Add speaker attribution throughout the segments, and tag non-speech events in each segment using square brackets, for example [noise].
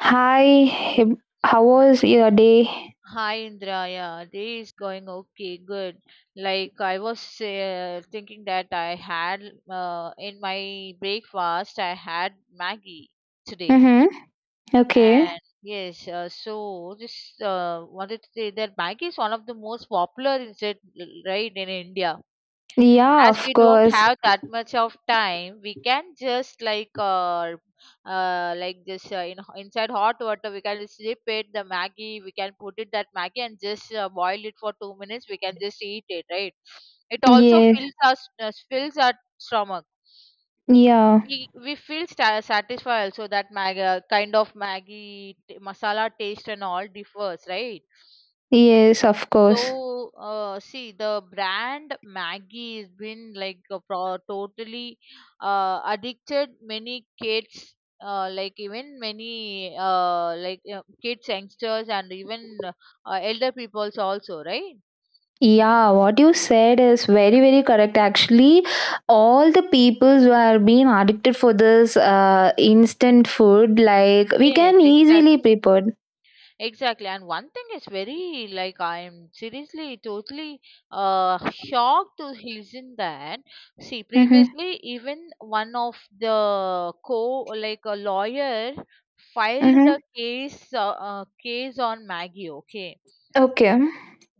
Speaker 1: Hi, how was your day?
Speaker 2: Hi Indra, yeah, day is going okay, good. Like I was thinking that I had in my breakfast I had Maggie today.
Speaker 1: Mm-hmm. Okay.
Speaker 2: And yes, so just wanted to say that Maggie is one of the most popular insect, right, in India.
Speaker 1: Yeah,
Speaker 2: As
Speaker 1: of
Speaker 2: we don't
Speaker 1: course.
Speaker 2: have that much of time, we can just like this, in inside hot water we can dip it, the maggie we can put it, that maggie, and just boil it for 2 minutes, we can just eat it, right? It also
Speaker 1: Yes.
Speaker 2: fills our fills our stomach.
Speaker 1: Yeah.
Speaker 2: We feel satisfied also. That kind of maggie masala taste and all differs, right?
Speaker 1: Yes, of course.
Speaker 2: So, see, the brand Maggie has been like a totally addicted many kids, like even many kids, youngsters, and even elder peoples also, right?
Speaker 1: Yeah, what you said is very, very correct. Actually, all the peoples who are being addicted for this instant food, like we
Speaker 2: Yes,
Speaker 1: can easily
Speaker 2: exactly.
Speaker 1: prepare.
Speaker 2: Exactly. And one thing is very like I am seriously totally shocked to listen that. See,
Speaker 1: Mm-hmm.
Speaker 2: previously even one of the co like a lawyer filed
Speaker 1: Mm-hmm.
Speaker 2: the case, on Maggie. Okay,
Speaker 1: Okay.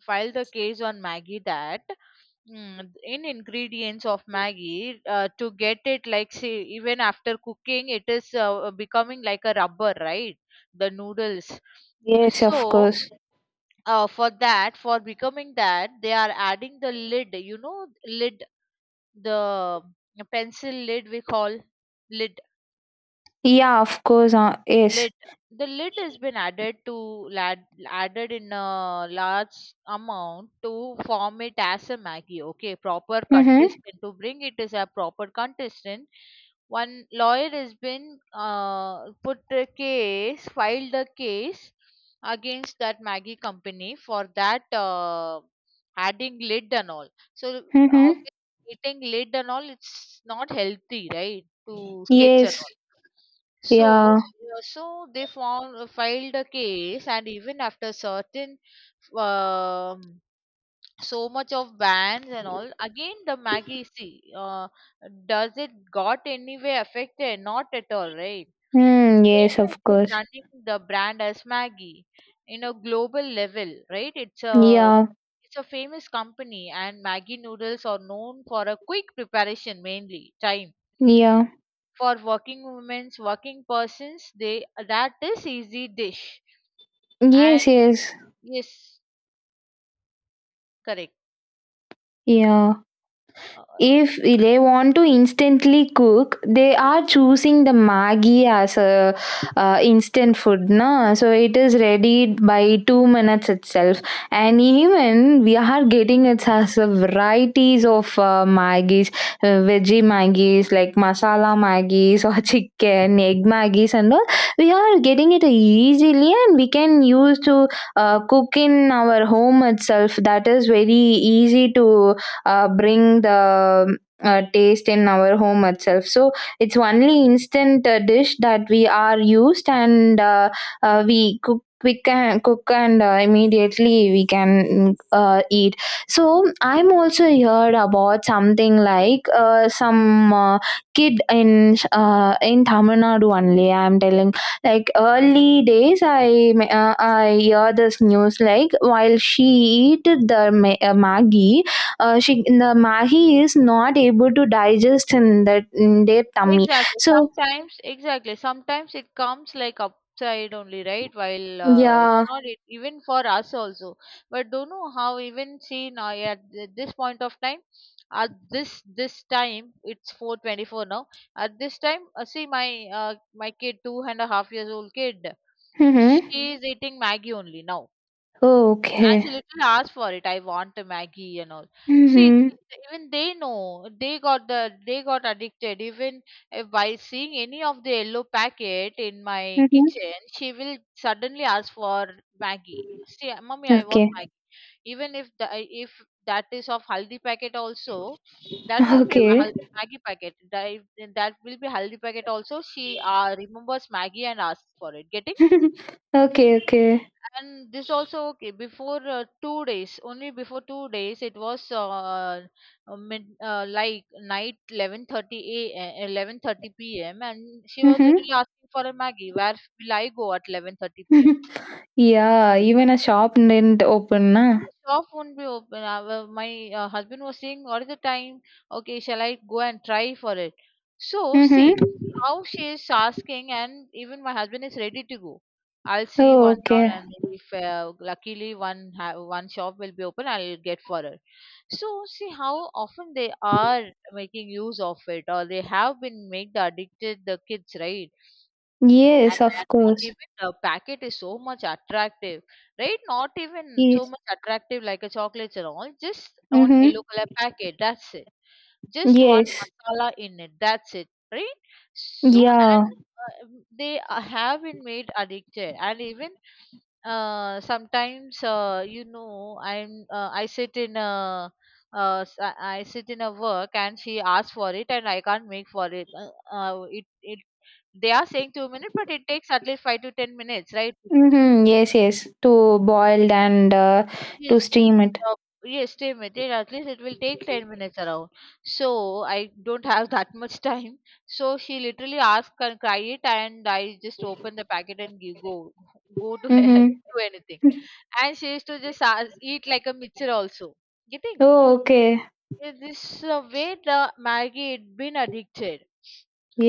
Speaker 2: filed the case on Maggie that, in ingredients of Maggie, to get it like, say, even after cooking it is becoming like a rubber, right? The noodles. Mm.
Speaker 1: Yes, of
Speaker 2: So
Speaker 1: course.
Speaker 2: for that, for becoming that they are adding the lid, lid, the pencil lid we call, lid.
Speaker 1: Yeah, of course. Yes.
Speaker 2: Lid. The lid has been added to lad, added in a large amount to form it as a Maggie. Okay, proper
Speaker 1: Mm-hmm.
Speaker 2: contestant to bring it as a proper contestant. One lawyer has been put the case, filed the case against that Maggie company for that adding lid and all. So
Speaker 1: Mm-hmm.
Speaker 2: obviously eating lid and all, it's not healthy, right? To kids and
Speaker 1: Yes.
Speaker 2: all. So
Speaker 1: Yeah.
Speaker 2: yeah, so they found, filed a case. And even after certain um, so much of bans and all, again the Maggie, see, does it got any way affected? Not at all, right?
Speaker 1: Mm,
Speaker 2: Same
Speaker 1: yes, of
Speaker 2: as it is
Speaker 1: course.
Speaker 2: running the brand as Maggie in a global level, right? It's a
Speaker 1: Yeah,
Speaker 2: it's a famous company, and Maggie noodles are known for a quick preparation, mainly time,
Speaker 1: yeah.
Speaker 2: for working women's, working persons. They, that is easy dish. And
Speaker 1: Yes, yes.
Speaker 2: yes, correct.
Speaker 1: Yeah.
Speaker 2: uh,
Speaker 1: If they want to instantly cook, they are choosing the maggi as a, instant food na, so it is ready by 2 minutes itself. And even we are getting it as a varieties of maggies, veggie maggies like masala maggies or [laughs] chicken egg maggies and all. We are getting it easily and we can use to cook in our home itself. That is very easy to bring the taste in our home itself. So it's only instant dish that we are used, and we cook quick and cook and immediately we can eat. So I'm also heard about something like some kid in Tamil Nadu only I'm telling. Like early days I I hear this news, like while she eat the maggi, she, the mahi is not able to digest in that, in their tummy.
Speaker 2: exactly,
Speaker 1: So
Speaker 2: sometimes. Exactly, sometimes it comes like upside only, right? While it's
Speaker 1: yeah.
Speaker 2: not it, even for us also. But don't know how, even see now, at this point of time, at this time it's 4:24 now. At this time, see my, uh, kid, 2.5 years old kid,
Speaker 1: Mm-hmm.
Speaker 2: she is eating maggie only now. And she
Speaker 1: Okay.
Speaker 2: literally asked for it. I want a Maggie and all. See,
Speaker 1: Mm-hmm.
Speaker 2: even they know, they got addicted. Even by seeing any of the yellow packet in my
Speaker 1: Mm-hmm.
Speaker 2: kitchen, she will suddenly ask for Maggie. See, mommy, I want
Speaker 1: Okay.
Speaker 2: Maggie. Even if if that is of haldi packet also, that won't be a
Speaker 1: Okay.
Speaker 2: Maggie packet. That will be haldi packet also. She remembers Maggie and asks for it. Getting?
Speaker 1: [laughs] okay. Okay.
Speaker 2: And this also, okay, before 2 days, only before 2 days, it was like night 11:30, a 11:30 p.m. And she was
Speaker 1: Mm-hmm.
Speaker 2: literally asking for a maggie. Where will I go at 11:30 p.m.?
Speaker 1: [laughs] yeah. Even a shop didn't open, na.
Speaker 2: The shop won't be open. Well, my husband was saying, all the time? Okay, shall I go and try for it? So, see
Speaker 1: Mm-hmm.
Speaker 2: how she is asking, and even my husband is ready to go. I'll see
Speaker 1: Oh,
Speaker 2: one round,
Speaker 1: okay.
Speaker 2: and if luckily one shop will be open, I'll get for her. So, see how often they are making use of it, or they have been made the addicted, the kids, right?
Speaker 1: Yes,
Speaker 2: And
Speaker 1: of
Speaker 2: not
Speaker 1: course.
Speaker 2: even the packet is so much attractive, right? Not even so
Speaker 1: Yes.
Speaker 2: much attractive like a chocolate and all. Just on
Speaker 1: Mm-hmm.
Speaker 2: yellow color packet. That's it. Just one
Speaker 1: Yes.
Speaker 2: masala in it. That's it, right? So and
Speaker 1: Yeah.
Speaker 2: they have been made addicted, and even sometimes, I sit in a, uh, s- i I sit in a work, and she asks for it, and I can't make for it. They are saying 2 minutes, but it takes at least 5 to 10 minutes, right, to cook?
Speaker 1: Mm-hmm. Yes. Yes. To boiled and to
Speaker 2: Yes.
Speaker 1: steam it.
Speaker 2: Uh, yes, 10 minutes. At least it will take 10 minutes around. So I don't have [laughs] that much time. So she literally asked, can I it? And I just open the packet and give, go, go to [laughs] and do
Speaker 1: Mm-hmm.
Speaker 2: anything.
Speaker 1: [laughs]
Speaker 2: And she used to just ask, eat like a mixture also. Getting?
Speaker 1: Oh, okay.
Speaker 2: Yeah, this way the Maggie had been addicted.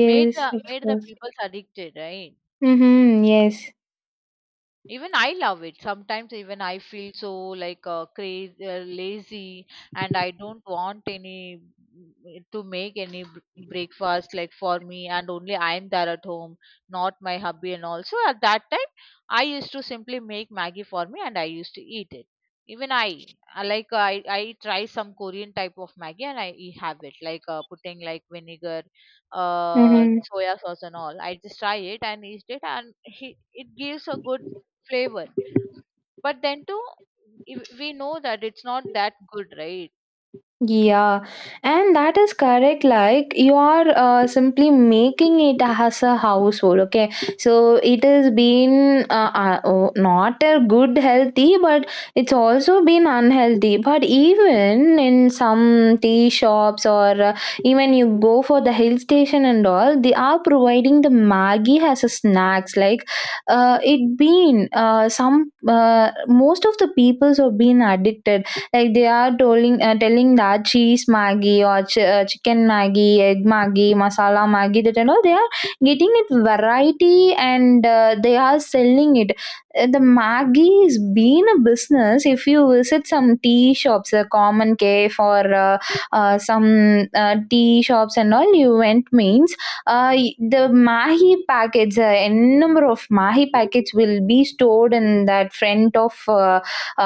Speaker 2: Made the,
Speaker 1: of
Speaker 2: made the
Speaker 1: course.
Speaker 2: people addicted, right?
Speaker 1: Mm-hmm, yes.
Speaker 2: Even I love it. Sometimes even I feel so like, crazy, lazy, and I don't want to make any breakfast like for me. And only I'm there at home, not my hubby. And also at that time I used to simply make maggie for me, and I used to eat it. Even I, like, I try some Korean type of maggie, and I have it like, putting like vinegar, uh
Speaker 1: Mm-hmm.
Speaker 2: soya sauce and all, I just try it and eat it, and it gives a good flavor. But then too, if we know that it's not that good, right?
Speaker 1: Yeah, and that is correct. Like you are simply making it as a household. Okay, so it has been oh, not a good healthy, but it's also been unhealthy. But even in some tea shops or even you go for the hill station and all, they are providing the Maggie as a snacks. Like it been some most of the peoples have been addicted. Like they are telling, telling that cheese maggi or chicken maggi, egg maggi, masala maggi, that and all they are getting it variety, and they are selling it. The maggi is been a business. If you visit some tea shops, a common cafe, or some tea shops and all you went means, the mahi packets, n number of mahi packets will be stored in that front of uh,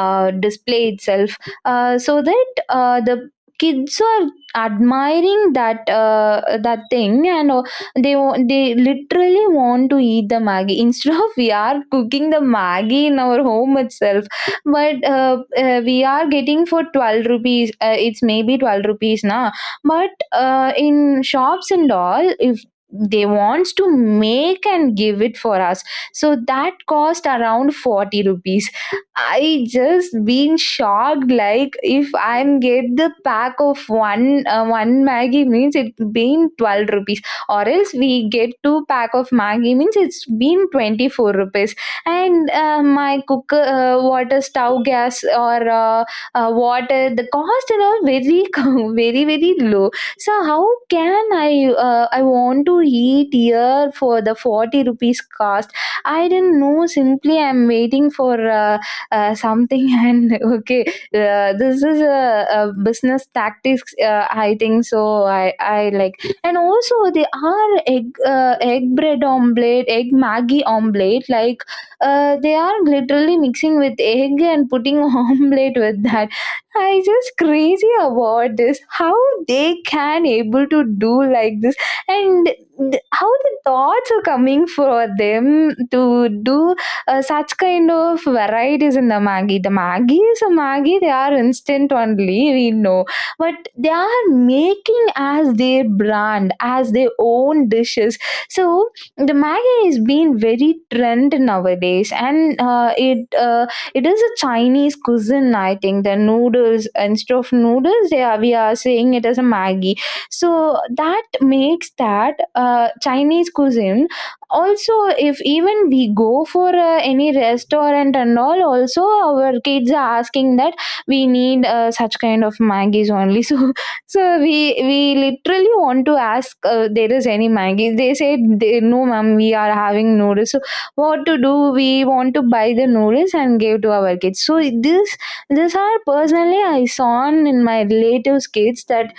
Speaker 1: uh, display itself. So that the kids are admiring that, that thing, and they literally want to eat the maggi [laughs] instead of we are cooking the maggi in our home itself. But we are getting for 12 rupees, it's maybe 12 rupees now. But in shops and all, if they wants to make and give it for us, so that cost around 40 rupees. I just been shocked. Like if I'm get the pack of one one Maggie means it been 12 rupees, or else we get two pack of Maggie means it's been 24 rupees. And my cooker, water stove gas, or water, the cost and all very [laughs] very, very low. So how can I, I want to eat here for the 40 rupees cost? I didn't know. Simply, I'm waiting for. Something, and [laughs] okay, this is a business tactics, I think so. I like, and also they are egg, egg bread omelette, egg maggie omelette. Like they are literally mixing with egg and putting [laughs] omelette with that. I just crazy about this, how they can able to do like this, how the thoughts are coming for them to do such kind of varieties in the Maggi. The Maggi is a Maggi, they are instant only, we know. But they are making as their brand, as their own dishes. So the Maggi is being very trend nowadays, and it is a Chinese cuisine, I think. The noodles, instead of noodles, they are, we are saying it as a Maggi. So that makes that Chinese cuisine also. If even we go for any restaurant and all also, our kids are asking that we need such kind of maggies only. [laughs] So, so we literally want to ask, there is any maggie, they said they, no ma'am, we are having noodles. So what to do, we want to buy the noodles and give to our kids. So this, these are personally I saw in my relatives' kids, that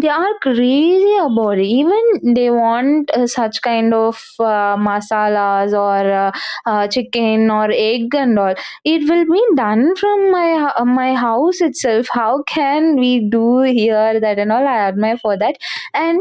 Speaker 1: they are crazy about it. Even they want such kind of masalas, or chicken, or egg and all. It will be done from my my house itself. How can we do here that and all? I admire for that. And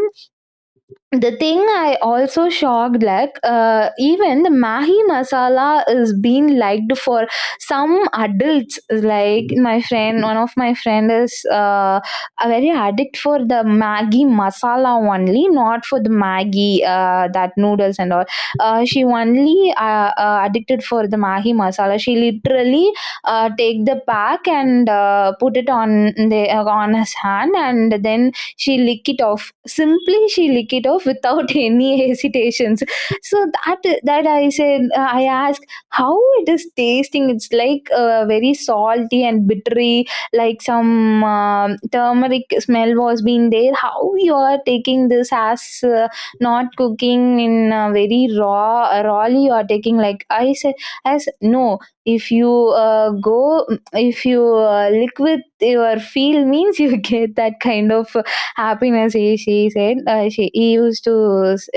Speaker 1: the thing I also shocked like, even the Mahi Masala is being liked for some adults. Like my friend, one of my friend is a very addict for the Maggi Masala only, not for the Maggi, that noodles and all. She only addicted for the Mahi Masala. She literally take the pack and put it on the, on his hand, and then she lick it off. Simply she lick it off without [laughs] any hesitations. So that, that I said, I ask how it is tasting. It's like very salty and bittery, like some turmeric smell was being there. How you are taking this as not cooking in very raw, rawly you are taking? Like I said, as no, if you go, if you lick with your feel means, you [laughs] get that kind of happiness. He, she said,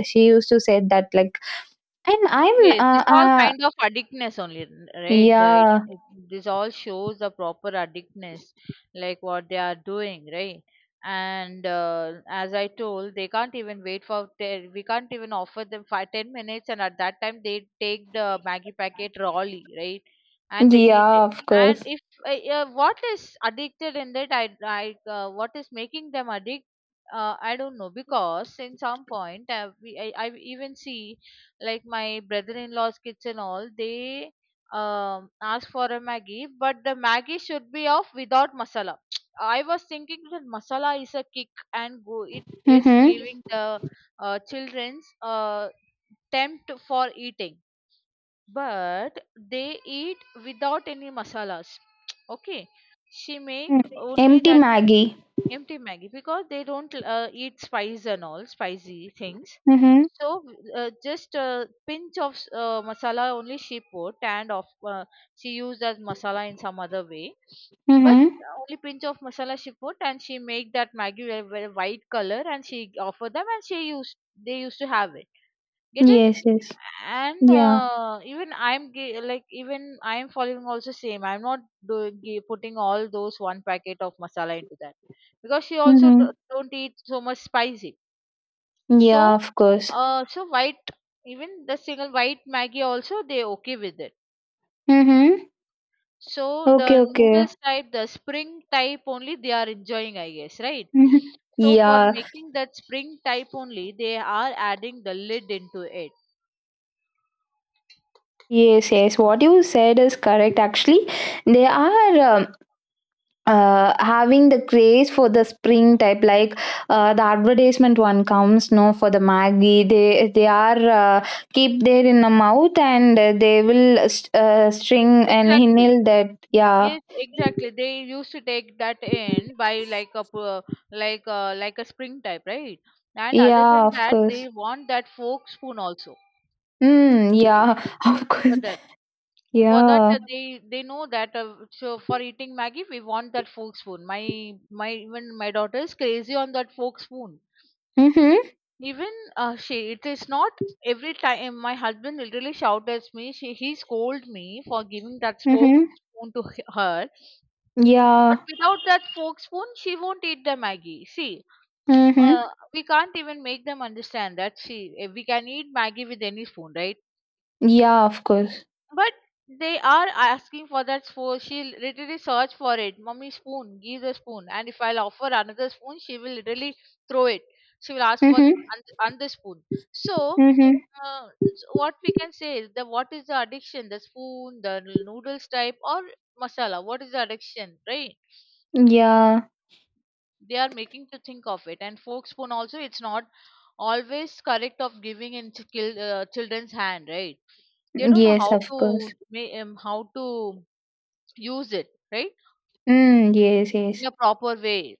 Speaker 1: she used to said that, like, and I'm
Speaker 2: Yes, this
Speaker 1: uh,
Speaker 2: all
Speaker 1: uh
Speaker 2: kind of addictness only, right? The, it,
Speaker 1: yeah.
Speaker 2: it, this all shows the proper addictness, like what they are doing, right? And as I told, they can't even wait for. We can't even offer them 5, 10 minutes, and at that time they take the Maggie packet rawly, right? And they eat
Speaker 1: Yeah,
Speaker 2: it.
Speaker 1: of
Speaker 2: And
Speaker 1: course.
Speaker 2: if what is addicted in that, I what is making them addict? I don't know because in some point, we, I even see like my brother-in-law's kids and all. They ask for a maggie, but the maggie should be of without masala. [tsk] I was thinking that masala is a kick and go, it is
Speaker 1: Mm-hmm.
Speaker 2: giving the children's tempt for eating, but they eat without any masalas. [tsk] Okay, she make
Speaker 1: Mm-hmm.
Speaker 2: only
Speaker 1: Empty
Speaker 2: that
Speaker 1: maggie.
Speaker 2: empty Maggie because they don't eat spice and all spicy things.
Speaker 1: Mm-hmm.
Speaker 2: So just a pinch of masala only she put, and of she used as masala in some other way. But
Speaker 1: Mm-hmm.
Speaker 2: only pinch of masala she put, and she make that Maggie a very white color, and she offer them, and she used they used to have it. Getting?
Speaker 1: Yes, yes.
Speaker 2: And
Speaker 1: Yeah.
Speaker 2: even I'm like, even I'm following also same. I'm not doing, putting all those one packet of masala into that, because she also
Speaker 1: Mm-hmm.
Speaker 2: don't eat so much spicy.
Speaker 1: Yeah,
Speaker 2: So
Speaker 1: of course.
Speaker 2: so white, even the single white maggie also they okay with it.
Speaker 1: Mm-hmm.
Speaker 2: So
Speaker 1: Okay,
Speaker 2: the
Speaker 1: okay.
Speaker 2: noodles type, the spring type only, they are enjoying, I guess, right?
Speaker 1: Mm-hmm.
Speaker 2: So for
Speaker 1: Yeah.
Speaker 2: making that spring type only, they are adding the lid into it.
Speaker 1: Yes, yes, what you said is correct. Actually they are having the craze for the spring type. Like the advertisement one comes, no, for the maggie, they are keep there in the mouth, and they will string and
Speaker 2: Exactly.
Speaker 1: hinil that, yeah.
Speaker 2: Yes, exactly. They used to take that in by, like a like a spring type, right? And other
Speaker 1: Yeah,
Speaker 2: than
Speaker 1: of
Speaker 2: that,
Speaker 1: course.
Speaker 2: they want that fork spoon also.
Speaker 1: Mm,
Speaker 2: See,
Speaker 1: yeah. [laughs] Of
Speaker 2: for
Speaker 1: course.
Speaker 2: that,
Speaker 1: Yeah.
Speaker 2: they know that, so for eating Maggie, we want that fork spoon. My, even my daughter is crazy on that fork spoon.
Speaker 1: Mhm.
Speaker 2: Even she it is not every time, my husband literally shouts at me. She He scolds me for giving that fork
Speaker 1: Mhm.
Speaker 2: spoon to her.
Speaker 1: Yeah.
Speaker 2: But without that fork spoon, she won't eat the Maggie. See, uh,
Speaker 1: Mhm.
Speaker 2: we can't even make them understand that. See, we can eat Maggie with any spoon, right?
Speaker 1: Yeah, of course.
Speaker 2: But they are asking for that spoon. She'll literally search for it. Mommy, spoon, give the spoon. And if I'll offer another spoon, she will literally throw it. She will ask for
Speaker 1: Mhm.
Speaker 2: another spoon. So,
Speaker 1: Mhm.
Speaker 2: uh, what we can say is, the what is the addiction? The spoon, the noodles type, or masala? What is the addiction, right?
Speaker 1: Yeah.
Speaker 2: They are making to think of it. And fork spoon also, it's not always correct of giving in children's hand, right? They don't know
Speaker 1: Yes,
Speaker 2: how
Speaker 1: of course.
Speaker 2: to, ma- um, how to use it, right,
Speaker 1: Mm, yes, yes.
Speaker 2: in a proper way.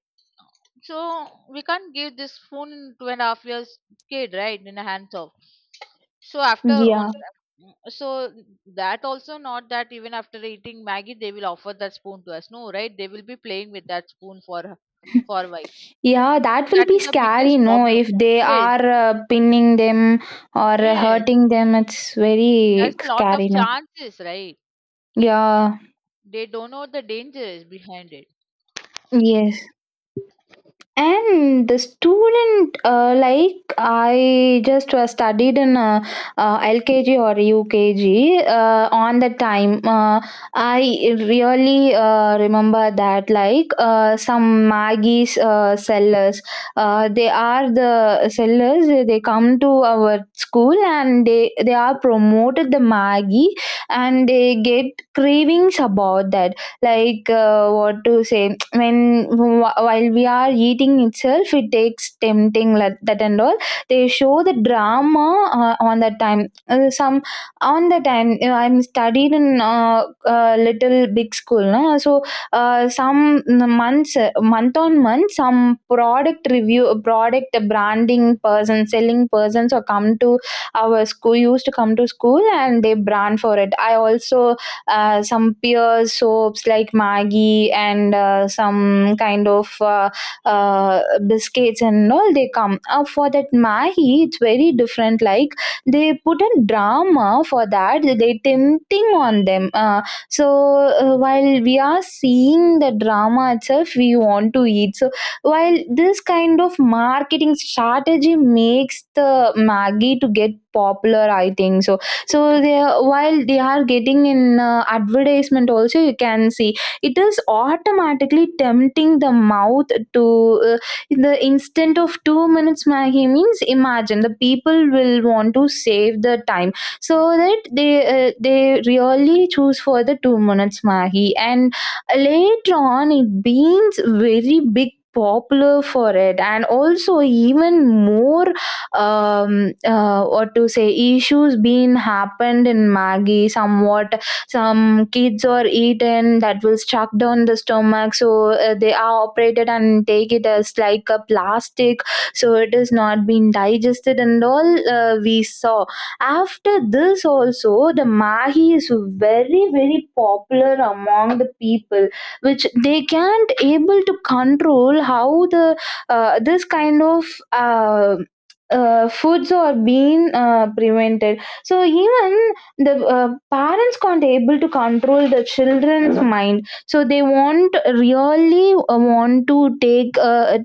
Speaker 2: So we can't give this spoon in 2.5 years kid, right, in the hands of. So after
Speaker 1: Yeah.
Speaker 2: on, so that also not that. Even after eating maggie, they will offer that spoon to us? No, right? They will be playing with that spoon for a while.
Speaker 1: Yeah, that
Speaker 2: So
Speaker 1: will
Speaker 2: that
Speaker 1: be
Speaker 2: is the
Speaker 1: scary,
Speaker 2: biggest
Speaker 1: no?
Speaker 2: problem.
Speaker 1: If they
Speaker 2: Yes.
Speaker 1: are pinning them, or
Speaker 2: Yes,
Speaker 1: hurting them, it's
Speaker 2: there's
Speaker 1: very
Speaker 2: a lot of
Speaker 1: scary, no?
Speaker 2: chances, right?
Speaker 1: Yeah,
Speaker 2: They don't know the dangers behind it.
Speaker 1: yes. And the student, like I just studied in LKG or UKG, on the time, I really remember that, like some maggie's sellers, they are the sellers, they come to our school, and they are promoted the maggie, and they get cravings about that. Like what to say, when while we are eating itself, it takes tempting like that and all. They show the drama. On that time, some on the time you know, I'm studied in little big school no? So some months, month on month, some product review, product branding person, selling persons, or come to our school, used to come to school, and they brand for it. I also some pure soaps like Maggi, and some kind of uh, biscuits and all they come. For that Maggi, it's very different. Like they put a drama for that. They tempting on them. So while we are seeing the drama itself, we want to eat. So while this kind of marketing strategy makes the Maggi to get popular, I think so. While they are getting in advertisement, also you can see it is automatically tempting the mouth to uh, in the instant of 2 minutes maggie. Means imagine the people will want to save the time so that they really choose for the 2 minutes maggie, and later on it becomes very big popular for it. And also, even more, what to say issues being happened in maggie somewhat. Some kids are eaten that will stuck down the stomach, so they are operated and take it as like a plastic, so it is not being digested and all. We saw, after this also, the mahi is very very popular among the people, which they can't able to control how the this kind of uh, foods are being prevented. So even the parents can't able to control the children's mind, so they won't really want to take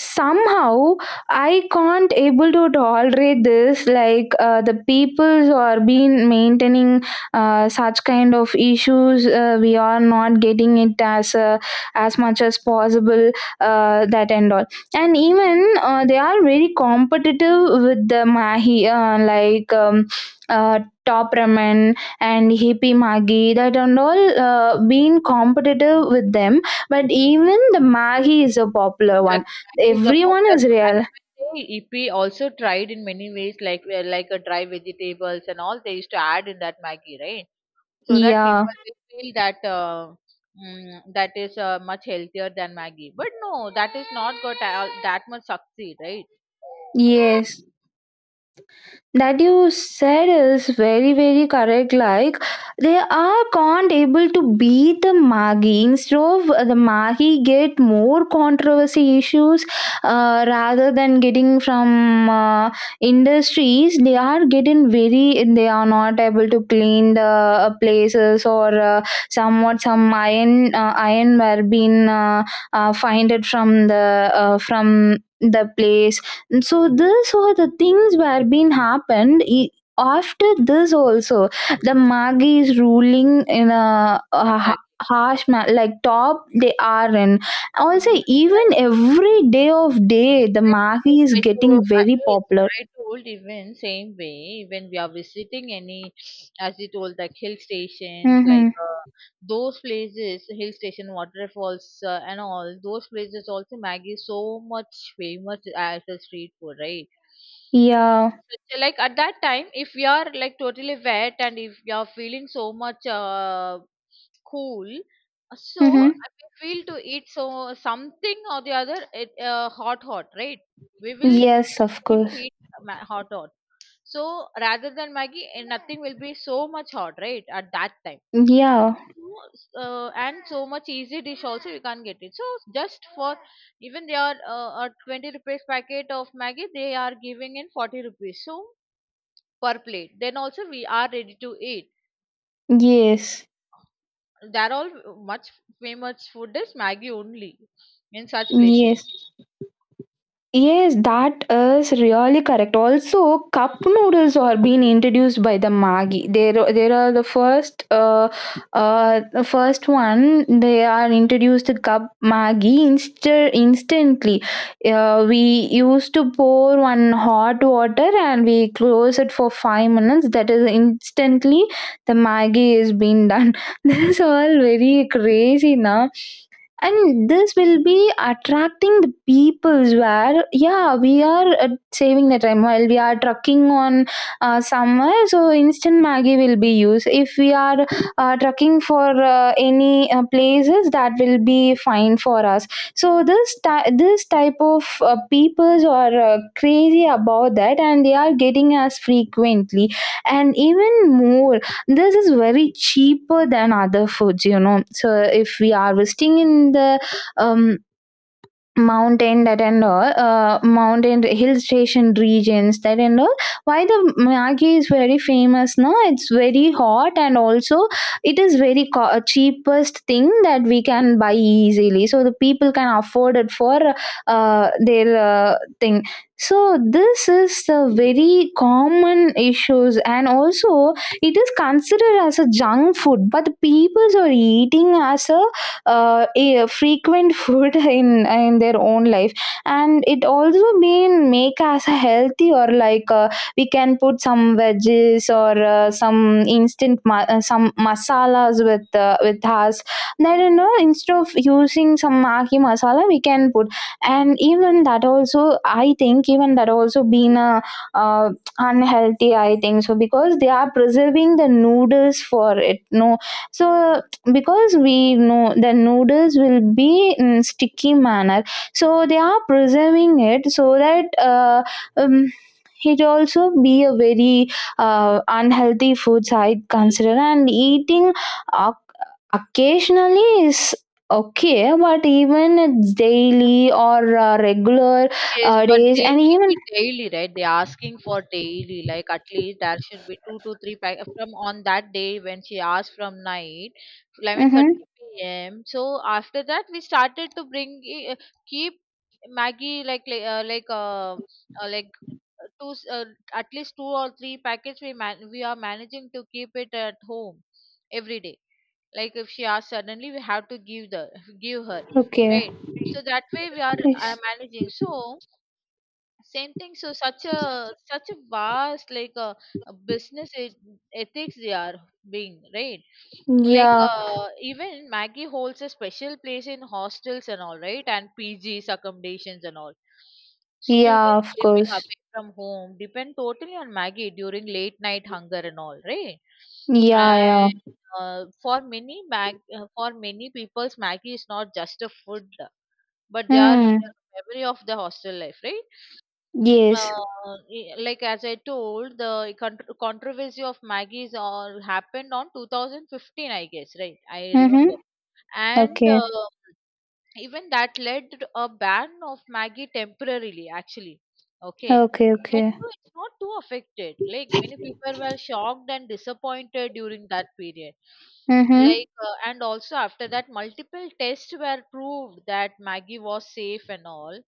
Speaker 1: somehow. I can't able to tolerate this, like the people who are been maintaining such kind of issues, we are not getting it as much as possible, that and all. And even they are very competitive with the mahi, like uh, top ramen and hippie magi, that and all, being competitive with them. But even the mahi is a popular one,
Speaker 2: Exactly. Maggi is the
Speaker 1: everyone
Speaker 2: popular
Speaker 1: is
Speaker 2: one. And
Speaker 1: real.
Speaker 2: even they, Ippi also tried in many ways, like a dry vegetables and all they used to add in that Maggi, right? So that
Speaker 1: Yeah,
Speaker 2: people will feel that that is much healthier than Maggi. But no, that is not got that much succeed, right?
Speaker 1: yes, that you said is very very correct, like they are can't able to beat the magi. Instead of the magi get more controversy issues, rather than getting from industries. They are getting very, they are not able to clean the places, or somewhat some iron were been finded from the place. And so this were the things were been happened. After this also, the magi is ruling in a,
Speaker 2: [laughs]
Speaker 1: a
Speaker 2: Exactly.
Speaker 1: ha- harsh, like top they are in. Also,
Speaker 2: Exactly.
Speaker 1: even every day of day, the magi
Speaker 2: Well,
Speaker 1: is
Speaker 2: I
Speaker 1: getting
Speaker 2: so I
Speaker 1: very
Speaker 2: yes,
Speaker 1: popular.
Speaker 2: I told even same way when we are visiting any, as you told, like hill stations,
Speaker 1: Mm-hmm.
Speaker 2: those places, hill station, waterfalls, and all those places. Also, Maggie is so much famous as a street food, right?
Speaker 1: Yeah.
Speaker 2: So, like at that time, if we are like totally wet and if you are feeling so much cool, so I
Speaker 1: Mm-hmm.
Speaker 2: we feel to eat so something or the other, it, hot, hot, right? we will
Speaker 1: Yes, of
Speaker 2: we need to
Speaker 1: course.
Speaker 2: eat hot, hot. So rather than Maggie, nothing will be so much hot, right? At that time.
Speaker 1: Yeah.
Speaker 2: So, and so much easy dish also you can't get it. So just for Even they are a 20 rupees packet of Maggie, they are giving in 40 rupees. So per plate. Then also we are ready to eat.
Speaker 1: Yes.
Speaker 2: They're all much famous food is Maggie only in such places.
Speaker 1: Yes. Yes, that is really correct. Also, cup noodles are being introduced by the Maggi. There are the first one. They are introduced the cup Maggi instantly. We used to pour one hot water and we close it for 5 minutes. That is instantly the Maggi is being done. [laughs] This is all very crazy now, and this will be attracting the peoples where, yeah, we are saving the time while we are trucking on somewhere. So instant maggie will be used if we are trucking for any places, that will be fine for us. So this type of peoples are crazy about that, and they are getting us frequently. And even more, this is very cheaper than other foods, you know. So if we are visiting in the um, mountain, that and all, mountain hill station regions, that and all. Why the Maggi is very famous now? It's very hot, and also it is very cheapest thing that we can buy easily. So the people can afford it for their thing. So this is the very common issues, and also it is considered as a junk food, but the peoples are eating as a frequent food [laughs] in their own life. And it also mean make us healthy, or like we can put some veggies, or some instant some masalas with us. Then, you know, instead of using some maki masala, we can put. And even that also I think, even that also been a uh, unhealthy, I think so, because they are preserving the noodles for it, no. So because we know the noodles will be in sticky manner, so they are preserving it so that um, it also be a very unhealthy food, I consider. And eating oc occasionally is okay, but even it's daily or regular
Speaker 2: Yes, but
Speaker 1: days.
Speaker 2: they
Speaker 1: And
Speaker 2: need
Speaker 1: even,
Speaker 2: it daily, right? They're asking for daily, like at least there should be two to three pack from on that day when she asked from night,
Speaker 1: hmm,
Speaker 2: 11:30 p.m. So after that, we started to keep Maggie like uh, two s- uh, at least two or three packets we are managing to keep it at home every day. Like if she asks suddenly, we have to give her
Speaker 1: okay.
Speaker 2: right. So that way we are
Speaker 1: Yes.
Speaker 2: managing. So same thing, so such a vast like a business ethics they are being right, like
Speaker 1: Yeah.
Speaker 2: even Maggie holds a special place in hostels and all, right, and PGs accommodations and all.
Speaker 1: Yeah,
Speaker 2: Students
Speaker 1: of
Speaker 2: living
Speaker 1: course.
Speaker 2: away from home depend totally on Maggie during late night hunger and all, right.
Speaker 1: Yeah.
Speaker 2: And
Speaker 1: Yeah.
Speaker 2: for many people's, Maggie is not just a food, but they are
Speaker 1: Mm.
Speaker 2: memory of the hostel life, right.
Speaker 1: Yes.
Speaker 2: Like as I told, the controversy of Maggie's all happened on 2015, I guess, right? I remember.
Speaker 1: Mhm.
Speaker 2: And
Speaker 1: Okay.
Speaker 2: even that led to a ban of Maggie temporarily, actually. Okay.
Speaker 1: Okay,
Speaker 2: And
Speaker 1: okay.
Speaker 2: so it's not too affected, like many people were shocked and disappointed during that period,
Speaker 1: Mhm.
Speaker 2: like and also after that multiple tests were proved that Maggie was safe and all.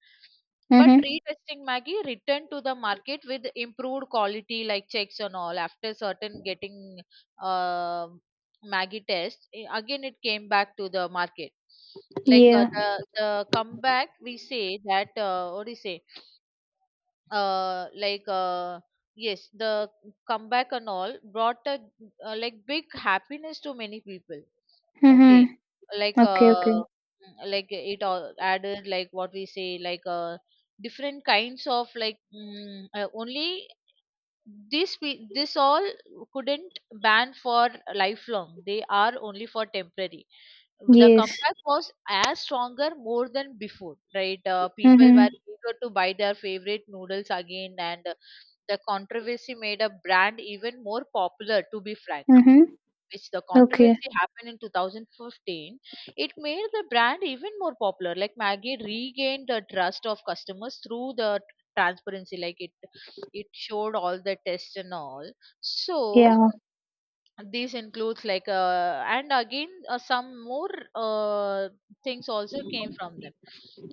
Speaker 2: But
Speaker 1: Mhm.
Speaker 2: retesting, Maggie returned to the market with improved quality like checks and all. After certain getting, uh, Maggie test, again it came back to the market. Like
Speaker 1: Yeah.
Speaker 2: the comeback, we say that, what do you say, uh like uh yes, the comeback and all brought a like big happiness to many people. Okay.
Speaker 1: Mhm.
Speaker 2: like
Speaker 1: Okay, okay.
Speaker 2: uh mm, like it all added, like what we say, different kinds of like, only this all couldn't ban for lifelong, they are only for temporary. The
Speaker 1: Yes.
Speaker 2: comeback was as stronger more than before, right. People
Speaker 1: Mhm.
Speaker 2: were eager to buy their favorite noodles again, and the controversy made a brand even more popular, to be frank.
Speaker 1: Mhm.
Speaker 2: Which the
Speaker 1: Okay.
Speaker 2: controversy happened in 2015, it made the brand even more popular. Like Maggie regained the trust of customers through the transparency, like it showed all the tests and all. So
Speaker 1: Yeah.
Speaker 2: these includes, and again, some more things also came from them.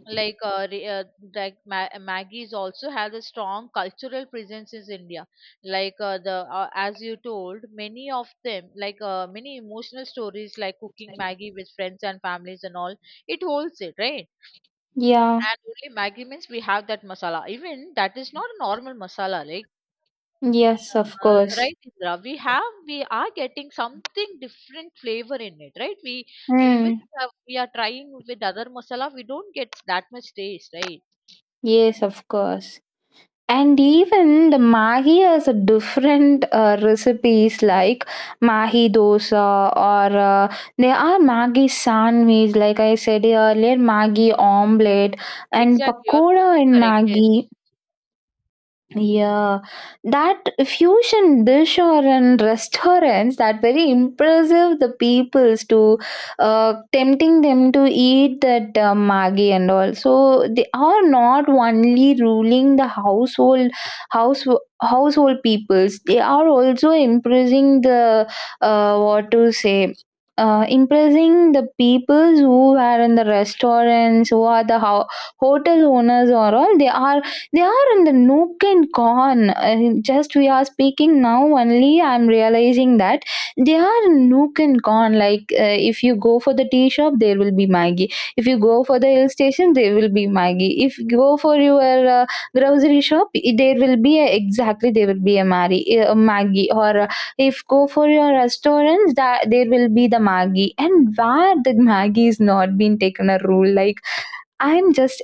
Speaker 2: like uh, re- uh, Maggie's also has a strong cultural presence in India, the as you told, many of them, many emotional stories, like cooking Maggie with friends and families and all, it holds it, right.
Speaker 1: Yeah.
Speaker 2: And only Maggie means we have that masala, even that is not a normal masala,
Speaker 1: Yes, of course.
Speaker 2: right, Indra. We are getting something different flavor in it, right? We even
Speaker 1: Mm.
Speaker 2: we are trying with other masala, we don't get that much taste, right?
Speaker 1: Yes, of course. And even the mahi has a different recipes, like mahi dosa, or there are mahi sandwich, like I said earlier, mahi omelette and
Speaker 2: Exactly, you are
Speaker 1: pakoda
Speaker 2: totally
Speaker 1: in
Speaker 2: correct. Yes,
Speaker 1: mahi. Yeah, that fusion dish or in restaurants, that very impressive the peoples to tempting them to eat that maggi and all. So they are not only ruling the house household peoples. They are also impressing the what to say. Impressing the peoples who are in the restaurants, who are the hotel owners or all. They are, they are in the nook and con. Just we are speaking now only. I'm realizing that they are in nook and con. Like, if you go for the tea shop, there will be Maggie. If you go for the hill station, there will be Maggie. If you go for your grocery shop, there will be a a Maggie. Or if go for your restaurants, that there will be the Maggie. And where the Maggie is not being taken a rule, like. I'm just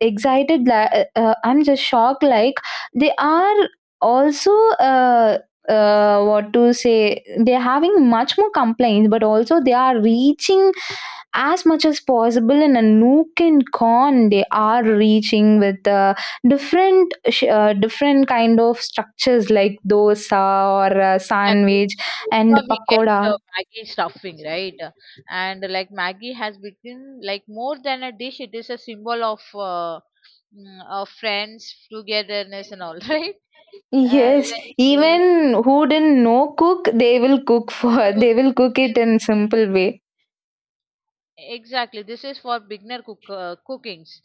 Speaker 1: I'm just shocked, like they are also uh, what to say they're having much more complaints, but also they are reaching as much as possible. In a nook and con, they are reaching with different kind of structures, like dosa, or
Speaker 2: exactly. Even
Speaker 1: sandwich
Speaker 2: in
Speaker 1: and
Speaker 2: dosa, we get
Speaker 1: pakoda.
Speaker 2: Maggi stuffing, right? And like Maggi has become like more than a dish; it is a symbol of of friends, togetherness, and all, [laughs] right? Uh,
Speaker 1: Yes,
Speaker 2: like, eh,
Speaker 1: even who didn't know cook, they will cook for [laughs]
Speaker 2: so-
Speaker 1: they will cook it
Speaker 2: yes,
Speaker 1: in simple way.
Speaker 2: exactly. This is for beginner cookings,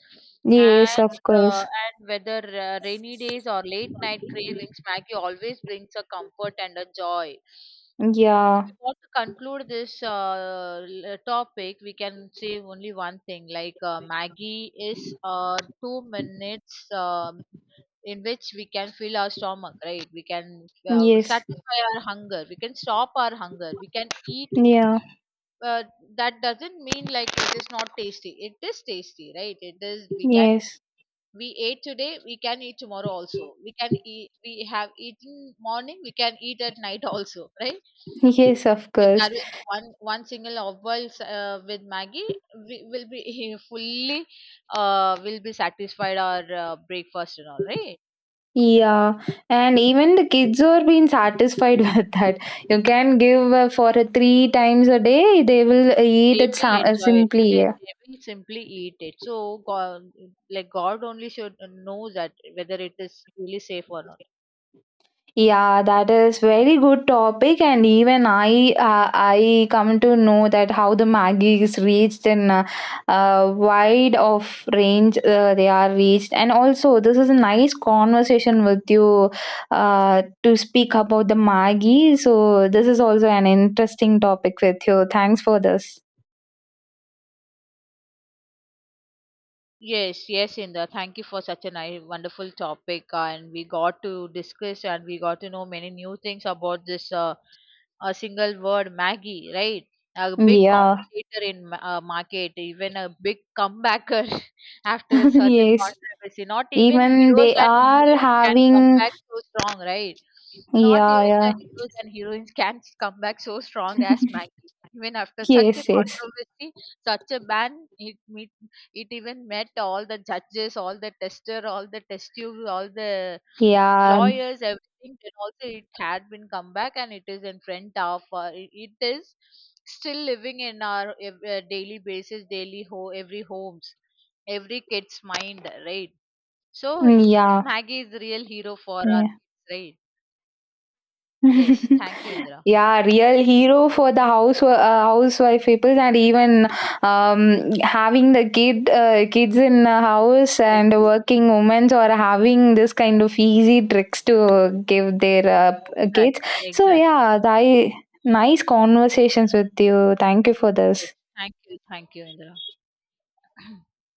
Speaker 2: and
Speaker 1: Yes, of
Speaker 2: uh,
Speaker 1: course.
Speaker 2: and whether rainy days or late night cravings, Maggie always brings a comfort and a joy. If
Speaker 1: Yeah,
Speaker 2: we want to conclude this topic, we can say only one thing: like Maggie is 2 minutes. In which we can fill our stomach, right. We can
Speaker 1: yes,
Speaker 2: satisfy our hunger, we can stop our hunger, we can eat.
Speaker 1: yeah,
Speaker 2: uh, that doesn't mean like it is not tasty, it is tasty, right. It is, we can,
Speaker 1: yes,
Speaker 2: we ate today, we can eat tomorrow also, we can eat, we have eaten morning, we can eat at night also, right.
Speaker 1: yes, of
Speaker 2: If
Speaker 1: course.
Speaker 2: there will be one single off boil with Maggie, we will be [laughs] fully will be satisfied our breakfast and all, right.
Speaker 1: Yeah, and even the kids are being satisfied [laughs] with that. You can give for a 3 times a day, they will eat
Speaker 2: They
Speaker 1: it
Speaker 2: will enjoy it,
Speaker 1: simply.
Speaker 2: yes,
Speaker 1: Yeah.
Speaker 2: they will simply eat it. So god, like god only should know that whether it is really safe or not.
Speaker 1: Yeah, that is very good topic, and even I come to know that how the Maggie is reached in a wide of range, they are reached. And also, this is a nice conversation with you to speak about the Maggie. So this is also an interesting topic with you. Thanks for this.
Speaker 2: Yes, yes, Inda. Thank you for such a nice, wonderful topic, and we got to discuss and we got to know many new things about this a single word, Maggie, right? A big
Speaker 1: Yeah,
Speaker 2: competitor in market, even a big comebacker [laughs] after a
Speaker 1: [laughs]
Speaker 2: certain
Speaker 1: yes.
Speaker 2: controversy. Not even
Speaker 1: Even
Speaker 2: heroes
Speaker 1: they
Speaker 2: and
Speaker 1: are
Speaker 2: heroines can come
Speaker 1: having,
Speaker 2: back so strong, right? Not
Speaker 1: yeah,
Speaker 2: even
Speaker 1: yeah,
Speaker 2: the heroes and heroines can come back so strong as Maggie. Even after such a
Speaker 1: yes, yes,
Speaker 2: controversy, such a ban, it even met all the judges, all the tester, all the test tubes, all the
Speaker 1: yeah,
Speaker 2: lawyers, everything. Then also it had been come back and it is in front of, it is still living in our daily basis, daily ho every homes, every kid's mind, right? So [laughs]
Speaker 1: yeah,
Speaker 2: Maggie is the real hero for our
Speaker 1: yeah.
Speaker 2: kids, right? Yes,
Speaker 1: [laughs]
Speaker 2: thank you, Indra.
Speaker 1: Yeah, real hero for the housewife people. And even having the kids in a house
Speaker 2: Yes,
Speaker 1: and
Speaker 2: yes,
Speaker 1: working women, or having this kind of easy tricks to give their kids.
Speaker 2: exactly,
Speaker 1: So
Speaker 2: exactly.
Speaker 1: yeah, I nice conversations with you. Thank you for
Speaker 2: Yes,
Speaker 1: this.
Speaker 2: thank you, Indra.